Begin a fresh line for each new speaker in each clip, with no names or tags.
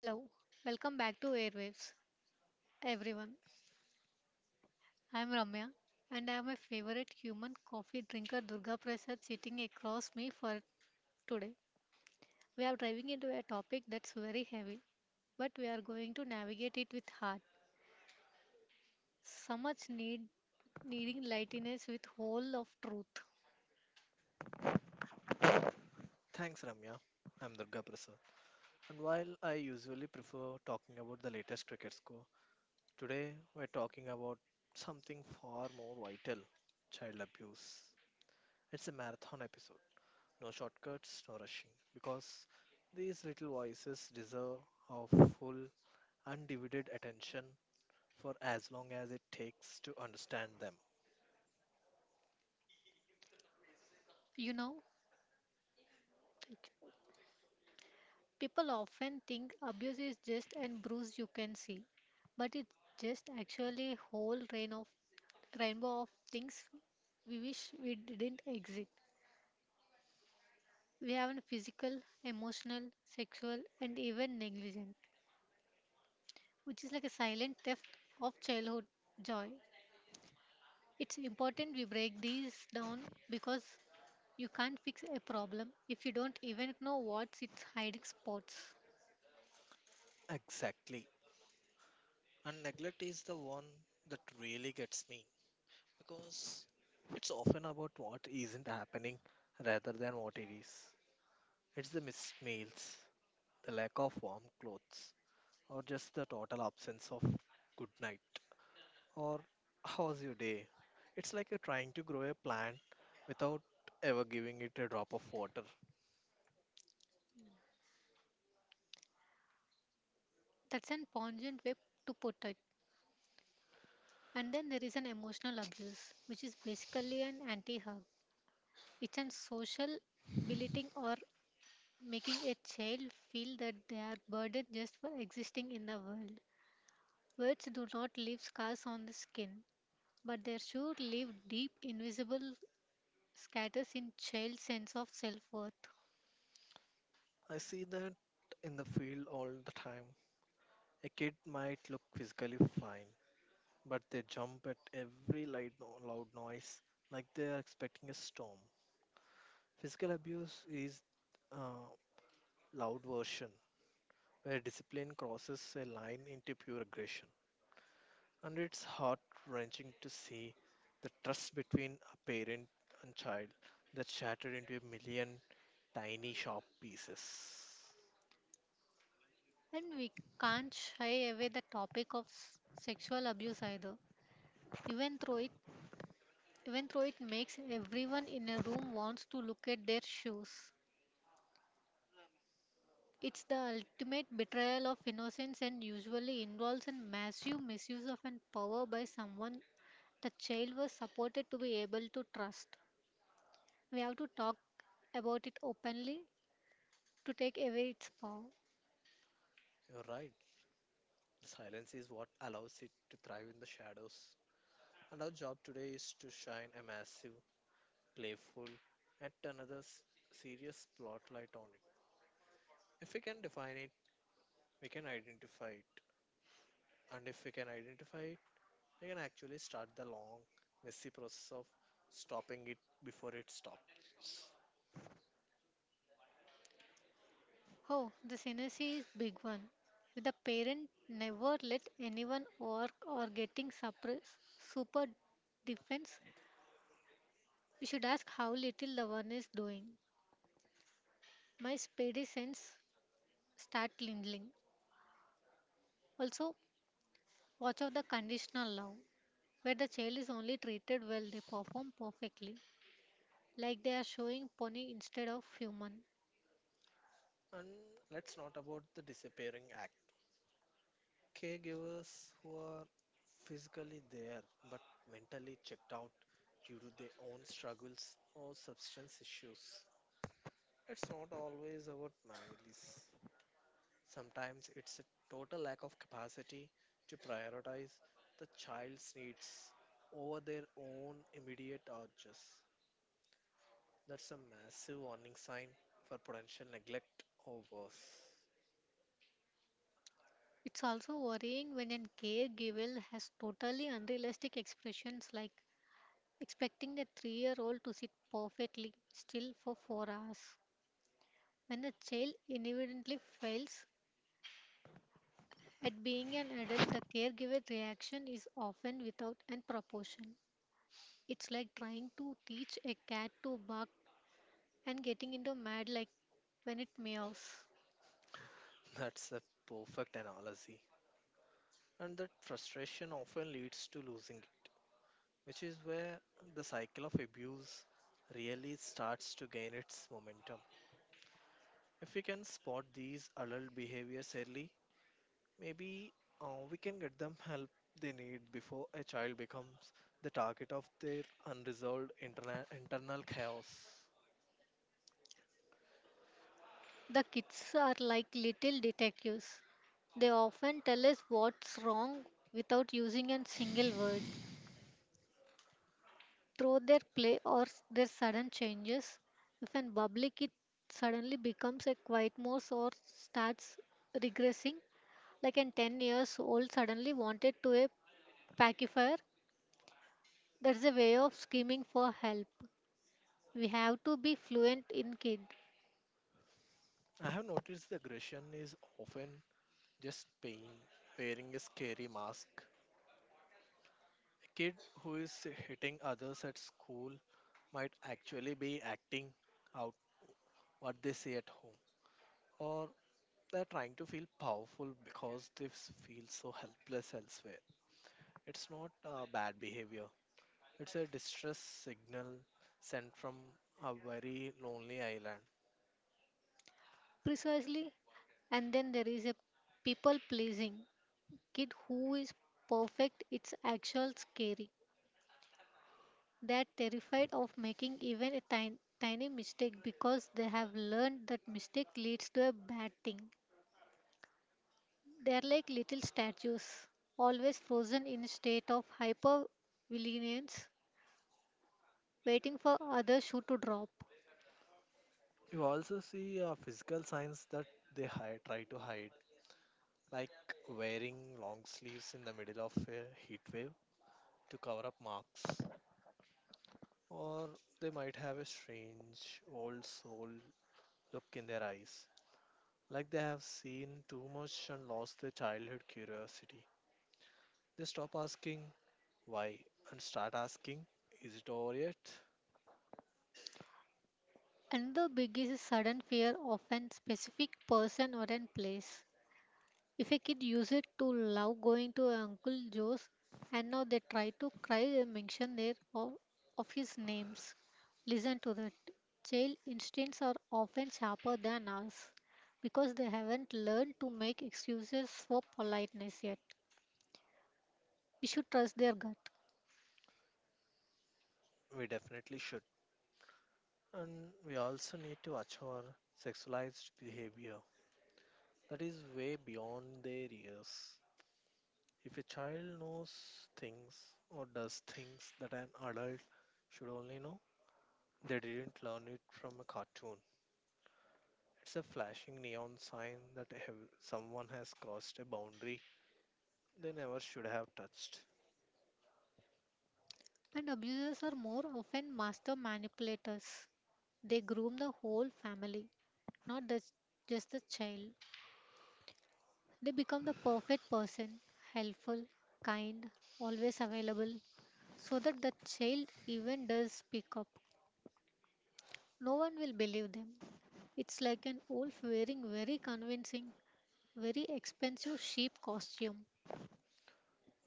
Hello, welcome back to Airwaves, everyone. I'm Ramya, and I have my favorite human coffee drinker Durga Prasad sitting across me for today. We are diving into a topic that's very heavy, but we are going to navigate it with heart. So much needing lightness with whole of truth.
Thanks, Ramya. I'm Durga Prasad. And while I usually prefer talking about the latest cricket score, today we're talking about something far more vital, child abuse. It's a marathon episode. No shortcuts, no rushing. Because these little voices deserve our full, undivided attention for as long as it takes to understand them.
You know, like, People often think abuse is just an bruise you can see, but it's just actually a whole rainbow of things we wish we didn't exist. We have a physical, emotional, sexual, and even negligent, which is like a silent theft of childhood joy. It's important we break these down because you can't fix a problem if you don't even know what's its hiding spots.
Exactly. And neglect is the one that really gets me because it's often about what isn't happening rather than what it is. It's the missed meals, the lack of warm clothes, or just the total absence of good night. Or how's your day? It's like you're trying to grow a plant without ever giving it a drop of water.
That's an pungent way to put it. And then there is an emotional abuse, which is basically an anti hug. It's an social belittling or making a child feel that they are burdened just for existing in the world. Words do not leave scars on the skin, but they sure leave deep, invisible scatters in child's sense of self-worth.
I see that in the field all the time. A kid might look physically fine, but they jump at every light no- loud noise like they are expecting a storm. Physical abuse is a loud version where discipline crosses a line into pure aggression. And it's heart wrenching to see the trust between a parent and child that's shattered into a million tiny, sharp pieces.
And we can't shy away the topic of sexual abuse either. Even though it Even though it makes everyone in a room wants to look at their shoes. It's the ultimate betrayal of innocence and usually involves a massive misuse of an power by someone the child was supported to be able to trust. We have to talk about it openly to take away its power.
You're right. Silence is what allows it to thrive in the shadows. And our job today is to shine a massive, playful, yet serious spotlight on it. If we can define it, we can identify it. And if we can identify it, we can actually start the long, messy process of stopping it before it stops.
Oh, the synergy is big one. If the parent never let anyone work or getting suppress super defense, we should ask how little the one is doing. My spidey sense start lingling. Also, watch out the conditional love, where the child is only treated well, they perform perfectly, like they are showing pony instead of human.
And let's not about the disappearing act. Caregivers who are physically there but mentally checked out due to their own struggles or substance issues. It's not always about malice. Sometimes it's a total lack of capacity to prioritize the child's needs over their own immediate urges. That's a massive warning sign for potential neglect or worse.
It's also worrying when a caregiver has totally unrealistic expressions like expecting a 3-year old to sit perfectly still for 4 hours. When the child inevitably fails at being an adult, the caregiver reaction is often without and proportion. It's like trying to teach a cat to bark and getting into mad like when it meows.
That's a perfect analogy. And that frustration often leads to losing it, which is where the cycle of abuse really starts to gain its momentum. If we can spot these adult behaviors early, maybe we can get them help they need before a child becomes the target of their unresolved internal chaos.
The kids are like little detectives. They often tell us what's wrong without using a single word. Through their play or their sudden changes, if an bubbly kid suddenly becomes a quiet mouse or starts regressing, like an 10 years old suddenly wanted to a pacifier, that's a way of screaming for help. We have to be fluent in kid.
I have noticed the aggression is often just pain, wearing a scary mask. A kid who is hitting others at school might actually be acting out what they say at home, or they're trying to feel powerful because feel so helpless elsewhere. It's not bad behavior, it's a distress signal sent from a very lonely island.
Precisely. And then there is a people pleasing kid who is perfect, it's actual scary. They're terrified of making even a tiny, tiny mistake because they have learned that mistake leads to a bad thing. They're like little statues, always frozen in a state of hyper vigilance, waiting for other shoe to drop.
You also see physical signs that try to hide, like wearing long sleeves in the middle of a heat wave to cover up marks, or they might have a strange, old soul look in their eyes, like they have seen too much and lost their childhood curiosity. They stop asking why and start asking, is it over yet?
Another big is a sudden fear of an specific person or an place. If a kid used to love going to Uncle Joe's and now they try to cry a mention there of, his names. Listen to that. Child instincts are often sharper than ours because they haven't learned to make excuses for politeness yet. We should trust their gut.
We definitely should. And we also need to watch our sexualized behavior that is way beyond their years. If a child knows things or does things that an adult should only know, they didn't learn it from a cartoon. It's a flashing neon sign that someone has crossed a boundary they never should have touched.
And abusers are more often master manipulators. They groom the whole family, not the, just the child. They become the perfect person, helpful, kind, always available, so that the child even does speak up. No one will believe them. It's like an wolf wearing very convincing, very expensive sheep costume.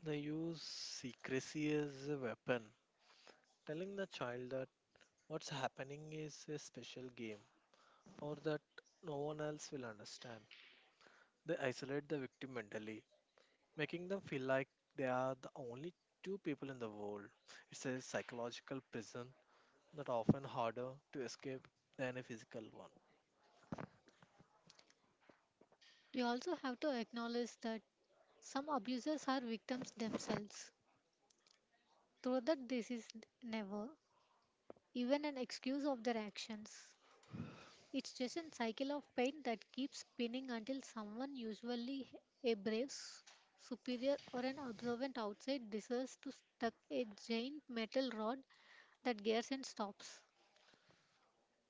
They use secrecy as a weapon, telling the child that what's happening is a special game or that no one else will understand. They isolate the victim mentally, making them feel like they are the only two people in the world. It's a psychological prison that often harder to escape than a physical one.
We also have to acknowledge that some abusers are victims themselves, though that this is never even an excuse of their actions. It's just a cycle of pain that keeps spinning until someone, usually a superior or an observant outside, decides to stuck a giant metal rod that gears and stops.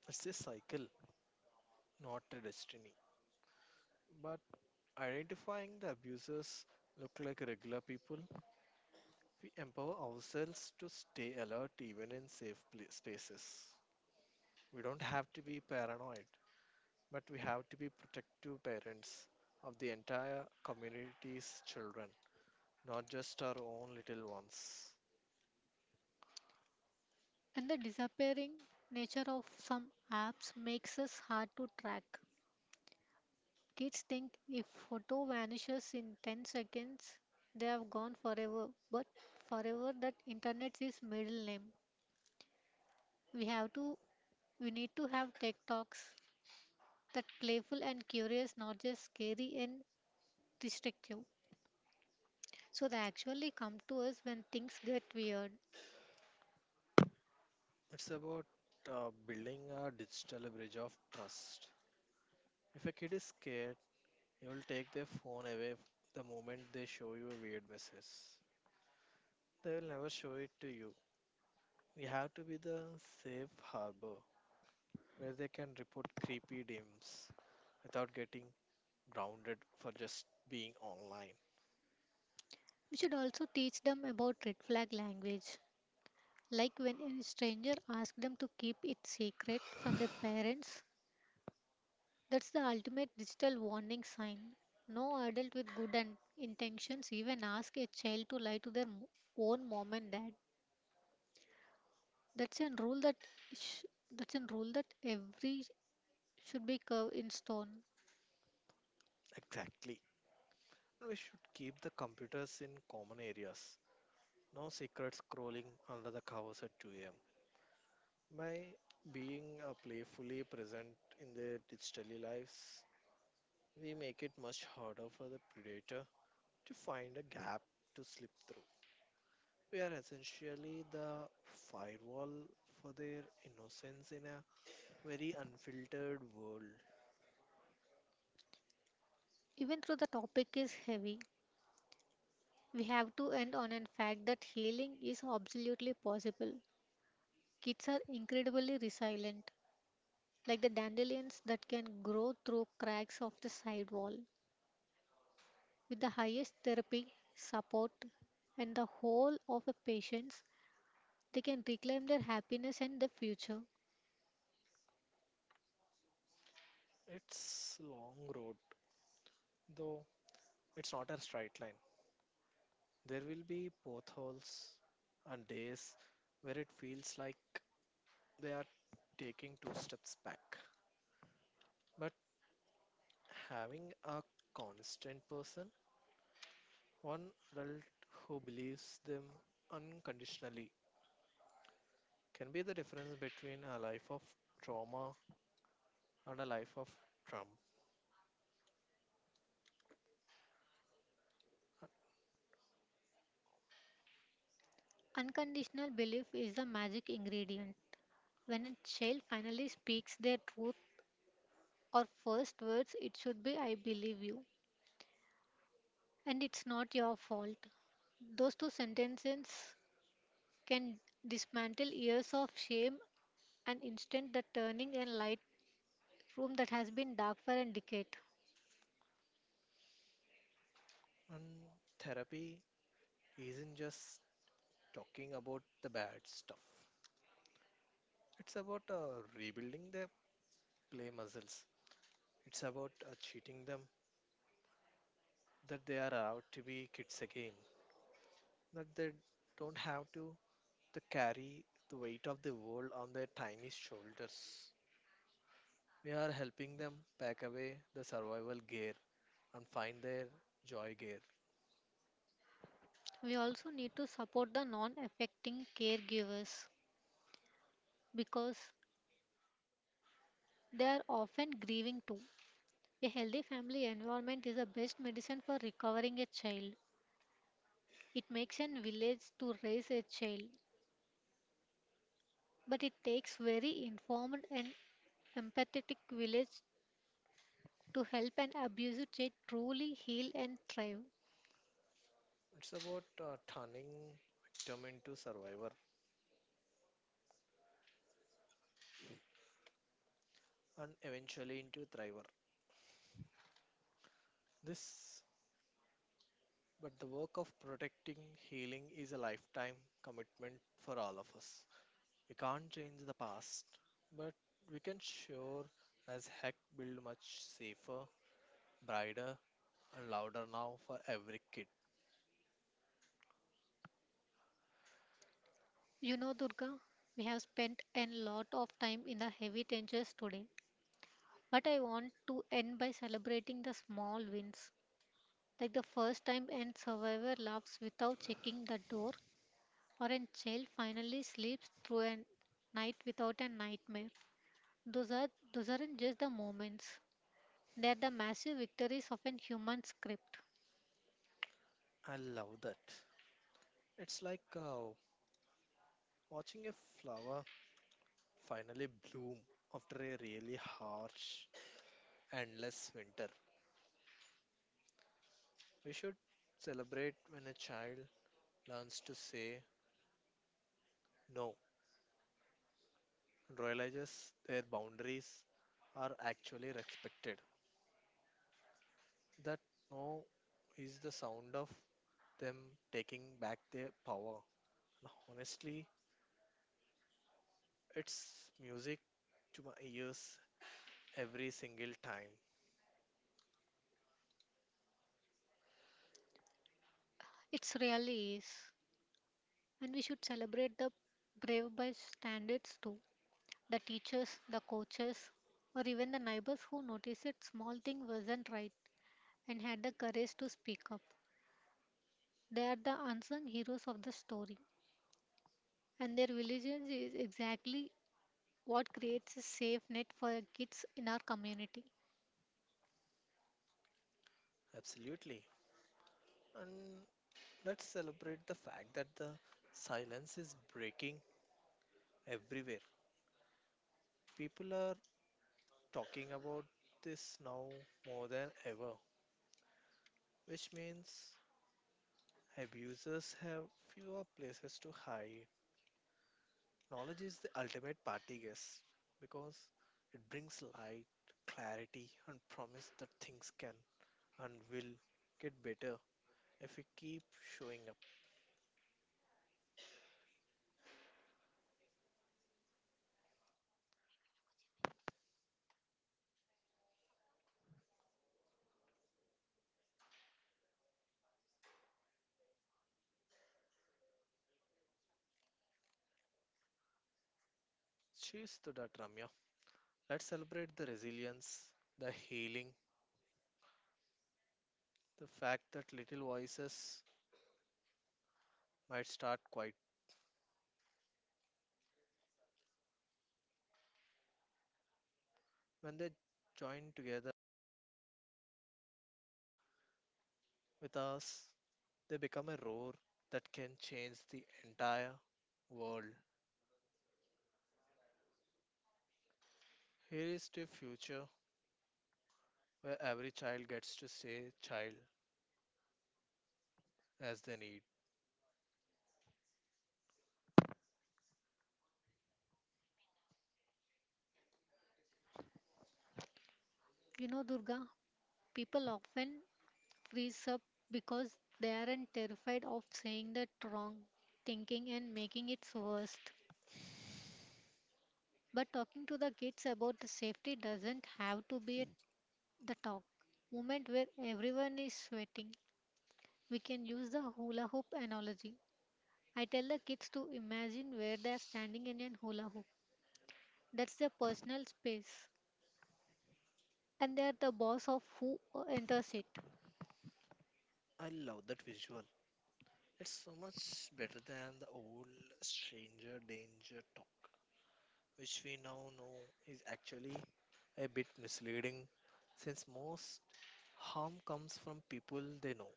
It's a cycle not a destiny. But identifying the abusers look like regular people, we empower ourselves to stay alert even in safe pla spaces. We don't have to be paranoid, but we have to be protective parents of the entire community's children, not just our own little ones.
And the disappearing nature of some apps makes us hard to track. Kids think if photo vanishes in 10 seconds, they have gone forever. But forever that internet is middle name. We have to we need to have tech talks that playful and curious, not just scary and restrictive. So they actually come to us when things get weird.
It's about building a digital bridge of trust. If a kid is scared, you will take their phone away the moment they show you a weird message. They will never show it to you. You have to be the safe harbor where they can report creepy DMs without getting grounded for just being online.
We should also teach them about red flag language, like when a stranger asks them to keep it secret from their parents. That's the ultimate digital warning sign. No adult with good and intentions even ask a child to lie to their own mom and dad. That's a rule that sh- that's a rule that every should be carved in stone.
Exactly. We should keep the computers in common areas. No secret scrolling under the covers at 2 a.m. By being playfully present in their digital lives, we make it much harder for the predator to find a gap to slip through. We are essentially the firewall for their innocence in a very unfiltered world.
Even though the topic is heavy, we have to end on a fact that healing is absolutely possible. Kids are incredibly resilient, like the dandelions that can grow through cracks of the side wall. With the highest therapy, support, and the whole of the patience, they can reclaim their happiness and their future.
It's long road, though it's not a straight line. There will be potholes and days where it feels like they are taking two steps back. But having a constant person, one adult who believes them unconditionally, can be the difference between a life of trauma and a life of Trump.
Unconditional belief is the magic ingredient. When a child finally speaks their truth or first words, it should be I believe you, and it's not your fault. Those two sentences can dismantle years of shame and instant the turning and light room that has been dark for a decade.
And therapy isn't just talking about the bad stuff. It's about rebuilding their play muscles. It's about cheating them that they are allowed to be kids again. That they don't have to carry the weight of the world on their tiny shoulders. We are helping them pack away the survival gear and find their joy gear.
We also need to support the non affecting caregivers because they are often grieving too. A healthy family environment is the best medicine for recovering a child. It makes a village to raise a child, but it takes very informed and empathetic village to help an abusive child truly heal and thrive.
It's about turning victim into survivor and eventually into thriver. This but the work of protecting healing is a lifetime commitment for all of us. We can't change the past, but we can sure as heck build much safer, brighter, and louder now for every kid.
You know, Durga, we have spent a lot of time in the heavy tensions today, but I want to end by celebrating the small wins, like the first time an survivor laughs without checking the door, or a child finally sleeps through a night without a nightmare. Those are those aren't just the moments; they are the massive victories of an human script.
I love that. It's like watching a flower finally bloom after a really harsh, endless winter. We should celebrate when a child learns to say no realizes their boundaries are actually respected. That no is the sound of them taking back their power. And honestly, it's music to my ears every single time.
It really is. And we should celebrate the brave by standards too. The teachers, the coaches, or even the neighbors who noticed that small thing wasn't right and had the courage to speak up. They are the unsung heroes of the story. And their vigilance is exactly what creates a safe net for kids in our community.
Absolutely. And let's celebrate the fact that the silence is breaking everywhere. People are talking about this now more than ever, which means abusers have fewer places to hide. Knowledge is the ultimate party guest because it brings light, clarity, and promise that things can and will get better if we keep showing up. Cheers to that, Ramya. Let's celebrate the resilience, the healing, the fact that little voices might start quiet. When they join together with us, they become a roar that can change the entire world. Here is the future where every child gets to say child as they need.
You know, Durga, people often freeze up because they aren't terrified of saying the wrong, thinking and making it worse. But talking to the kids about the safety doesn't have to be at the talk moment where everyone is sweating. We can use the hula hoop analogy. I tell the kids to imagine where they are standing in an hula hoop. That's their personal space, and they are the boss of who enters it.
I love that visual. It's so much better than the old stranger danger talk, which we now know is actually a bit misleading since most harm comes from people they know.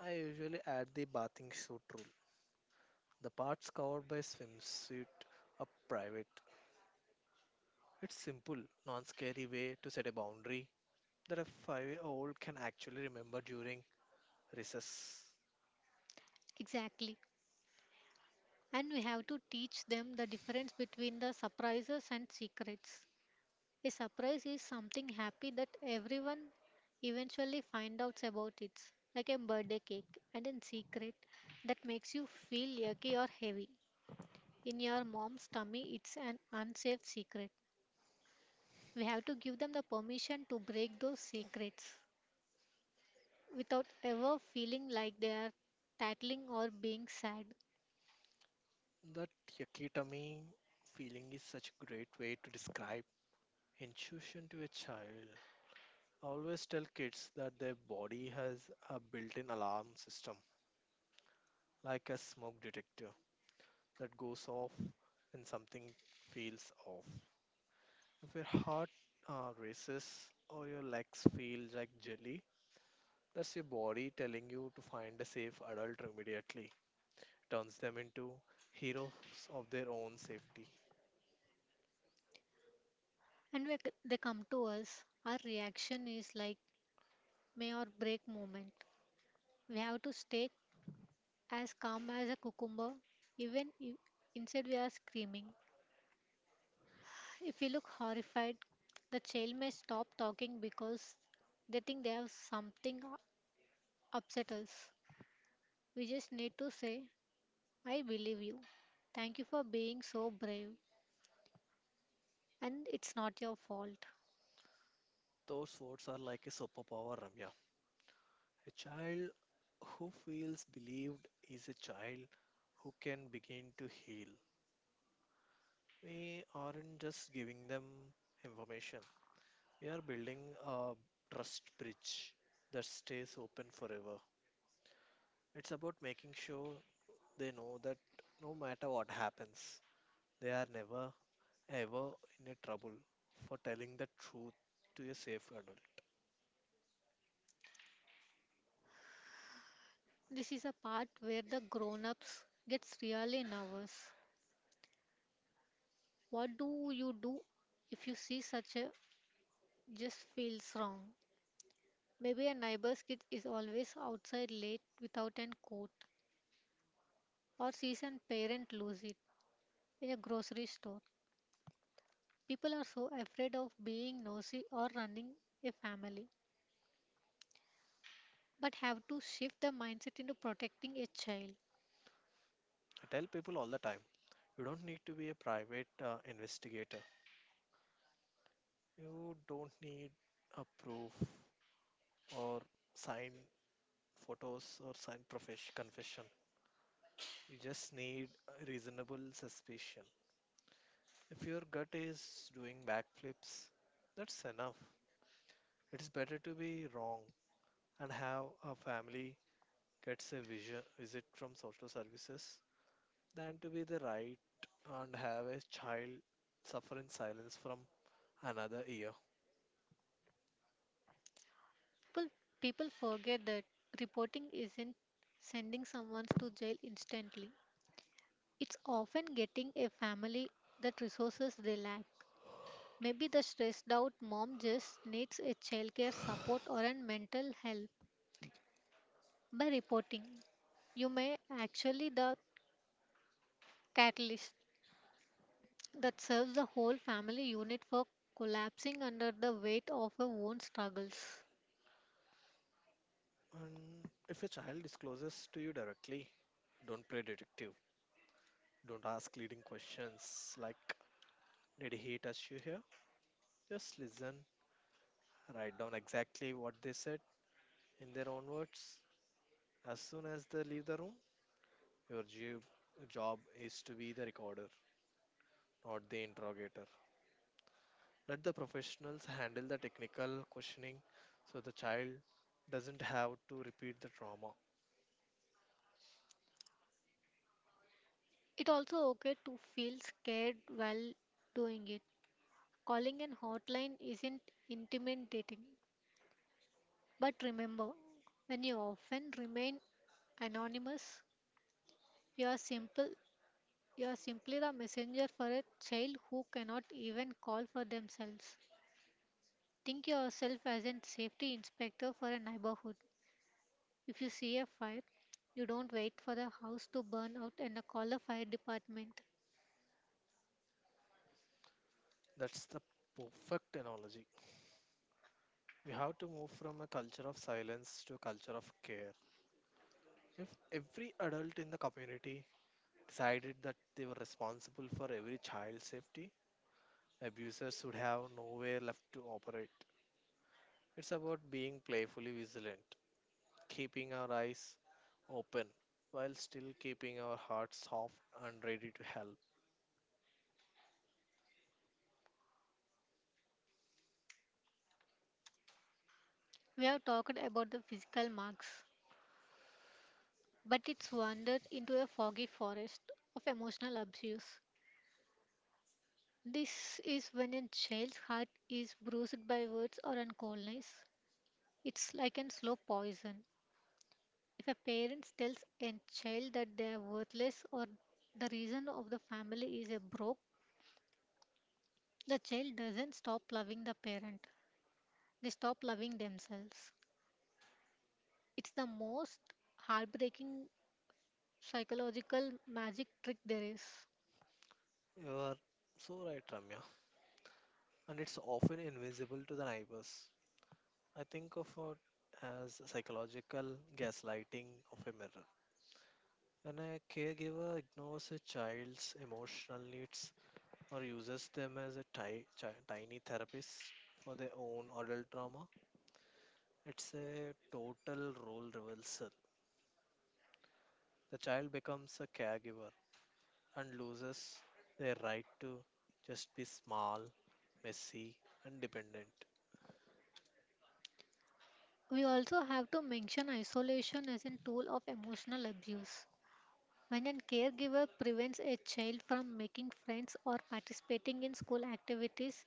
I usually add the bathing suit rule. The parts covered by swimsuit are private. It's simple, non-scary way to set a boundary that a five-year-old can actually remember during recess.
Exactly. And we have to teach them the difference between the surprises and secrets. A surprise is something happy that everyone eventually find out about it, like a birthday cake, and in secret that makes you feel yucky or heavy. In your mom's tummy, it's an unsafe secret. We have to give them the permission to break those secrets without ever feeling like they are tattling or being sad.
That yakitami feeling is such a great way to describe intuition to a child. I always tell kids that their body has a built in alarm system, like a smoke detector, that goes off when something feels off. If your heart races or your legs feel like jelly, that's your body telling you to find a safe adult immediately. Turns them into heroes of their own safety.
And when they come to us, our reaction is like may or break moment. We have to stay as calm as a cucumber, even if inside we are screaming. If we look horrified, the child may stop talking because they think they have something upset us. We just need to say, I believe you. Thank you for being so brave, and it's not your fault.
Those words are like a superpower, Ramya. A child who feels believed is a child who can begin to heal. We aren't just giving them information, we are building a trust bridge that stays open forever. It's about making sure they know that no matter what happens, they are never ever in a trouble for telling the truth to a safe adult.
This is a part where the grown ups gets really nervous. What do you do if you see such a just feels wrong? Maybe a neighbor's kid is always outside late without a coat or sees a parent lose it in a grocery store. People are so afraid of being nosy or running a family, but have to shift the mindset into protecting a child.
I tell people all the time you don't need to be a private investigator. You don't need a proof or signed photos or signed confession. You just need a reasonable suspicion. If your gut is doing backflips, that's enough. It's better to be wrong and have a family gets a visit from social services than to be the right and have a child suffer in silence from another year.
People, people forget that reporting isn't sending someone to jail instantly. It's often getting a family that resources they lack. Maybe the stressed out mom just needs a childcare support or a mental help. By reporting, you may actually the catalyst that serves the whole family unit for collapsing under the weight of her own struggles.
And if a child discloses to you directly, don't play detective. Don't ask leading questions like, did he touch you here? Just listen, write down exactly what they said in their own words. As soon as they leave the room, your job is to be the recorder, not the interrogator. Let the professionals handle the technical questioning so the child doesn't have to repeat the trauma.
It also okay to feel scared while doing it. Calling an hotline isn't intimidating. But remember, when you often remain anonymous, you are simple you are simply the messenger for a child who cannot even call for themselves. Think yourself as a safety inspector for a neighborhood. If you see a fire, you don't wait for the house to burn out and call the fire department.
That's the perfect analogy. We have to move from a culture of silence to a culture of care. If every adult in the community decided that they were responsible for every child's safety. Abusers should have nowhere left to operate. It's about being playfully vigilant, keeping our eyes open while still keeping our hearts soft and ready to help.
We have talked about the physical marks, but it's wandered into a foggy forest of emotional abuse. This is when a child's heart is bruised by words or a coldness. It's like a slow poison. If a parent tells a child that they are worthless or the reason of the family is a broke, the child doesn't stop loving the parent, they stop loving themselves. It's the most heartbreaking psychological magic trick there is.
You are so right, Ramya. And it's often invisible to the neighbors. I think of it as psychological gaslighting of a mirror. When a caregiver ignores a child's emotional needs or uses them as a tiny therapist for their own adult trauma. It's a total role reversal. The child becomes a caregiver and loses their right to just be small, messy, and dependent.
We also have to mention isolation as a tool of emotional abuse. When a caregiver prevents a child from making friends or participating in school activities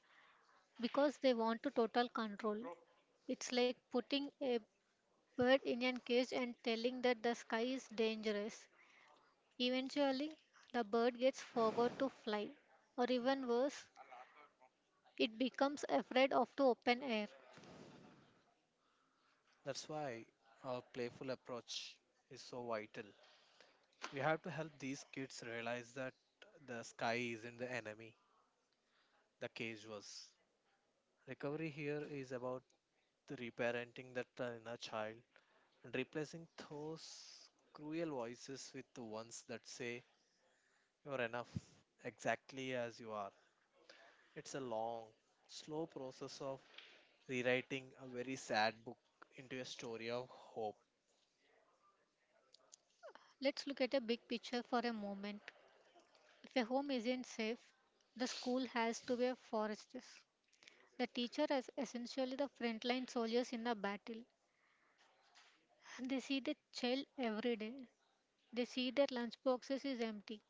because they want to total control, it's like putting a bird in a cage and telling that the sky is dangerous. Eventually, the bird gets forgot to fly, or even worse, it becomes afraid of the open air.
That's why our playful approach is so vital. We have to help these kids realize that the sky isn't the enemy, the cage was. Recovery here is about the reparenting that inner child and replacing those cruel voices with the ones that say you're enough exactly as you are. It's a long, slow process of rewriting a very sad book into a story of hope.
Let's look at a big picture for a moment. If a home isn't safe, the school has to be a fortress. The teacher is essentially the frontline soldiers in a battle. They see the child every day. They see their lunchboxes is empty.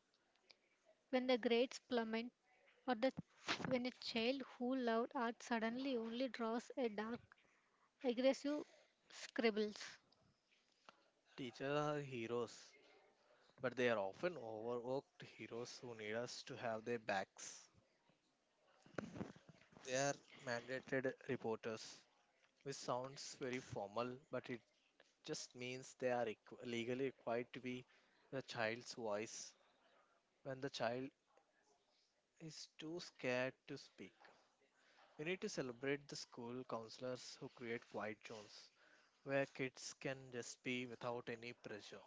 When the grades plummet, or the when a child who loved art suddenly only draws a dark aggressive scribbles.
Teachers are heroes, but they are often overworked heroes who need us to have their backs. They are mandated reporters, which sounds very formal, but it just means they are legally required to be the child's voice when the child is too scared to speak. We need to celebrate the school counselors who create quiet zones where kids can just be without any pressure.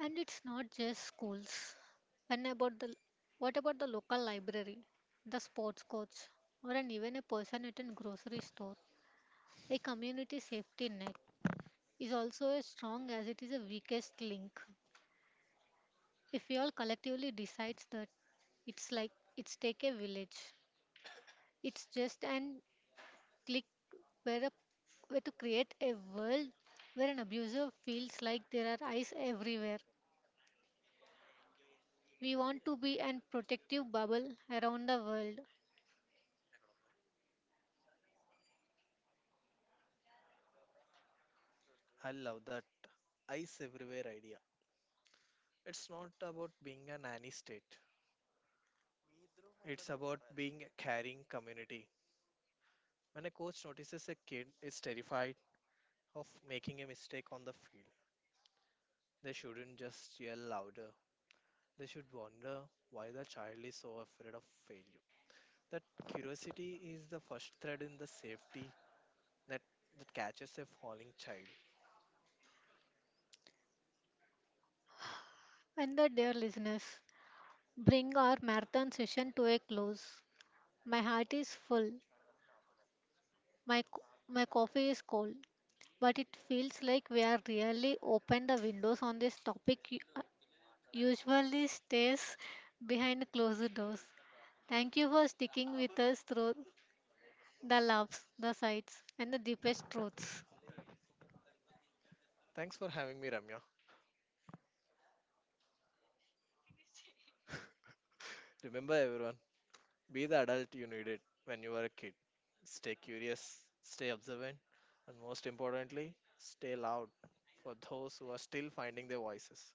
And it's not just schools and about the what about the local library, the sports coach, or an even a person at a grocery store. A community safety net is also as strong as it is a weakest link. If we all collectively decides that it's like it's take a village, it's just an click where a where to create a world where an abuser feels like there are eyes everywhere. We want to be an protective bubble around the world.
I love that ice everywhere idea. It's not about being a nanny state. It's about being a caring community. When a coach notices a kid is terrified of making a mistake on the field, they shouldn't just yell louder. They should wonder why the child is so afraid of failure. That curiosity is the first thread in the safety that, that catches a falling child.
And the dear listeners, bring our marathon session to a close. My heart is full. My, co- my coffee is cold. But it feels like we are really open the windows on this topic usually stays behind closed doors. Thank you for sticking with us through the loves, the sights, and the deepest truths.
Thanks for having me, Ramya. Remember, everyone, be the adult you needed when you were a kid. Stay curious, stay observant, and most importantly, stay loud for those who are still finding their voices.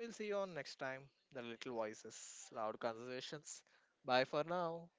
We'll see you on next time, The Little Voices, Loud Conversations. Bye for now.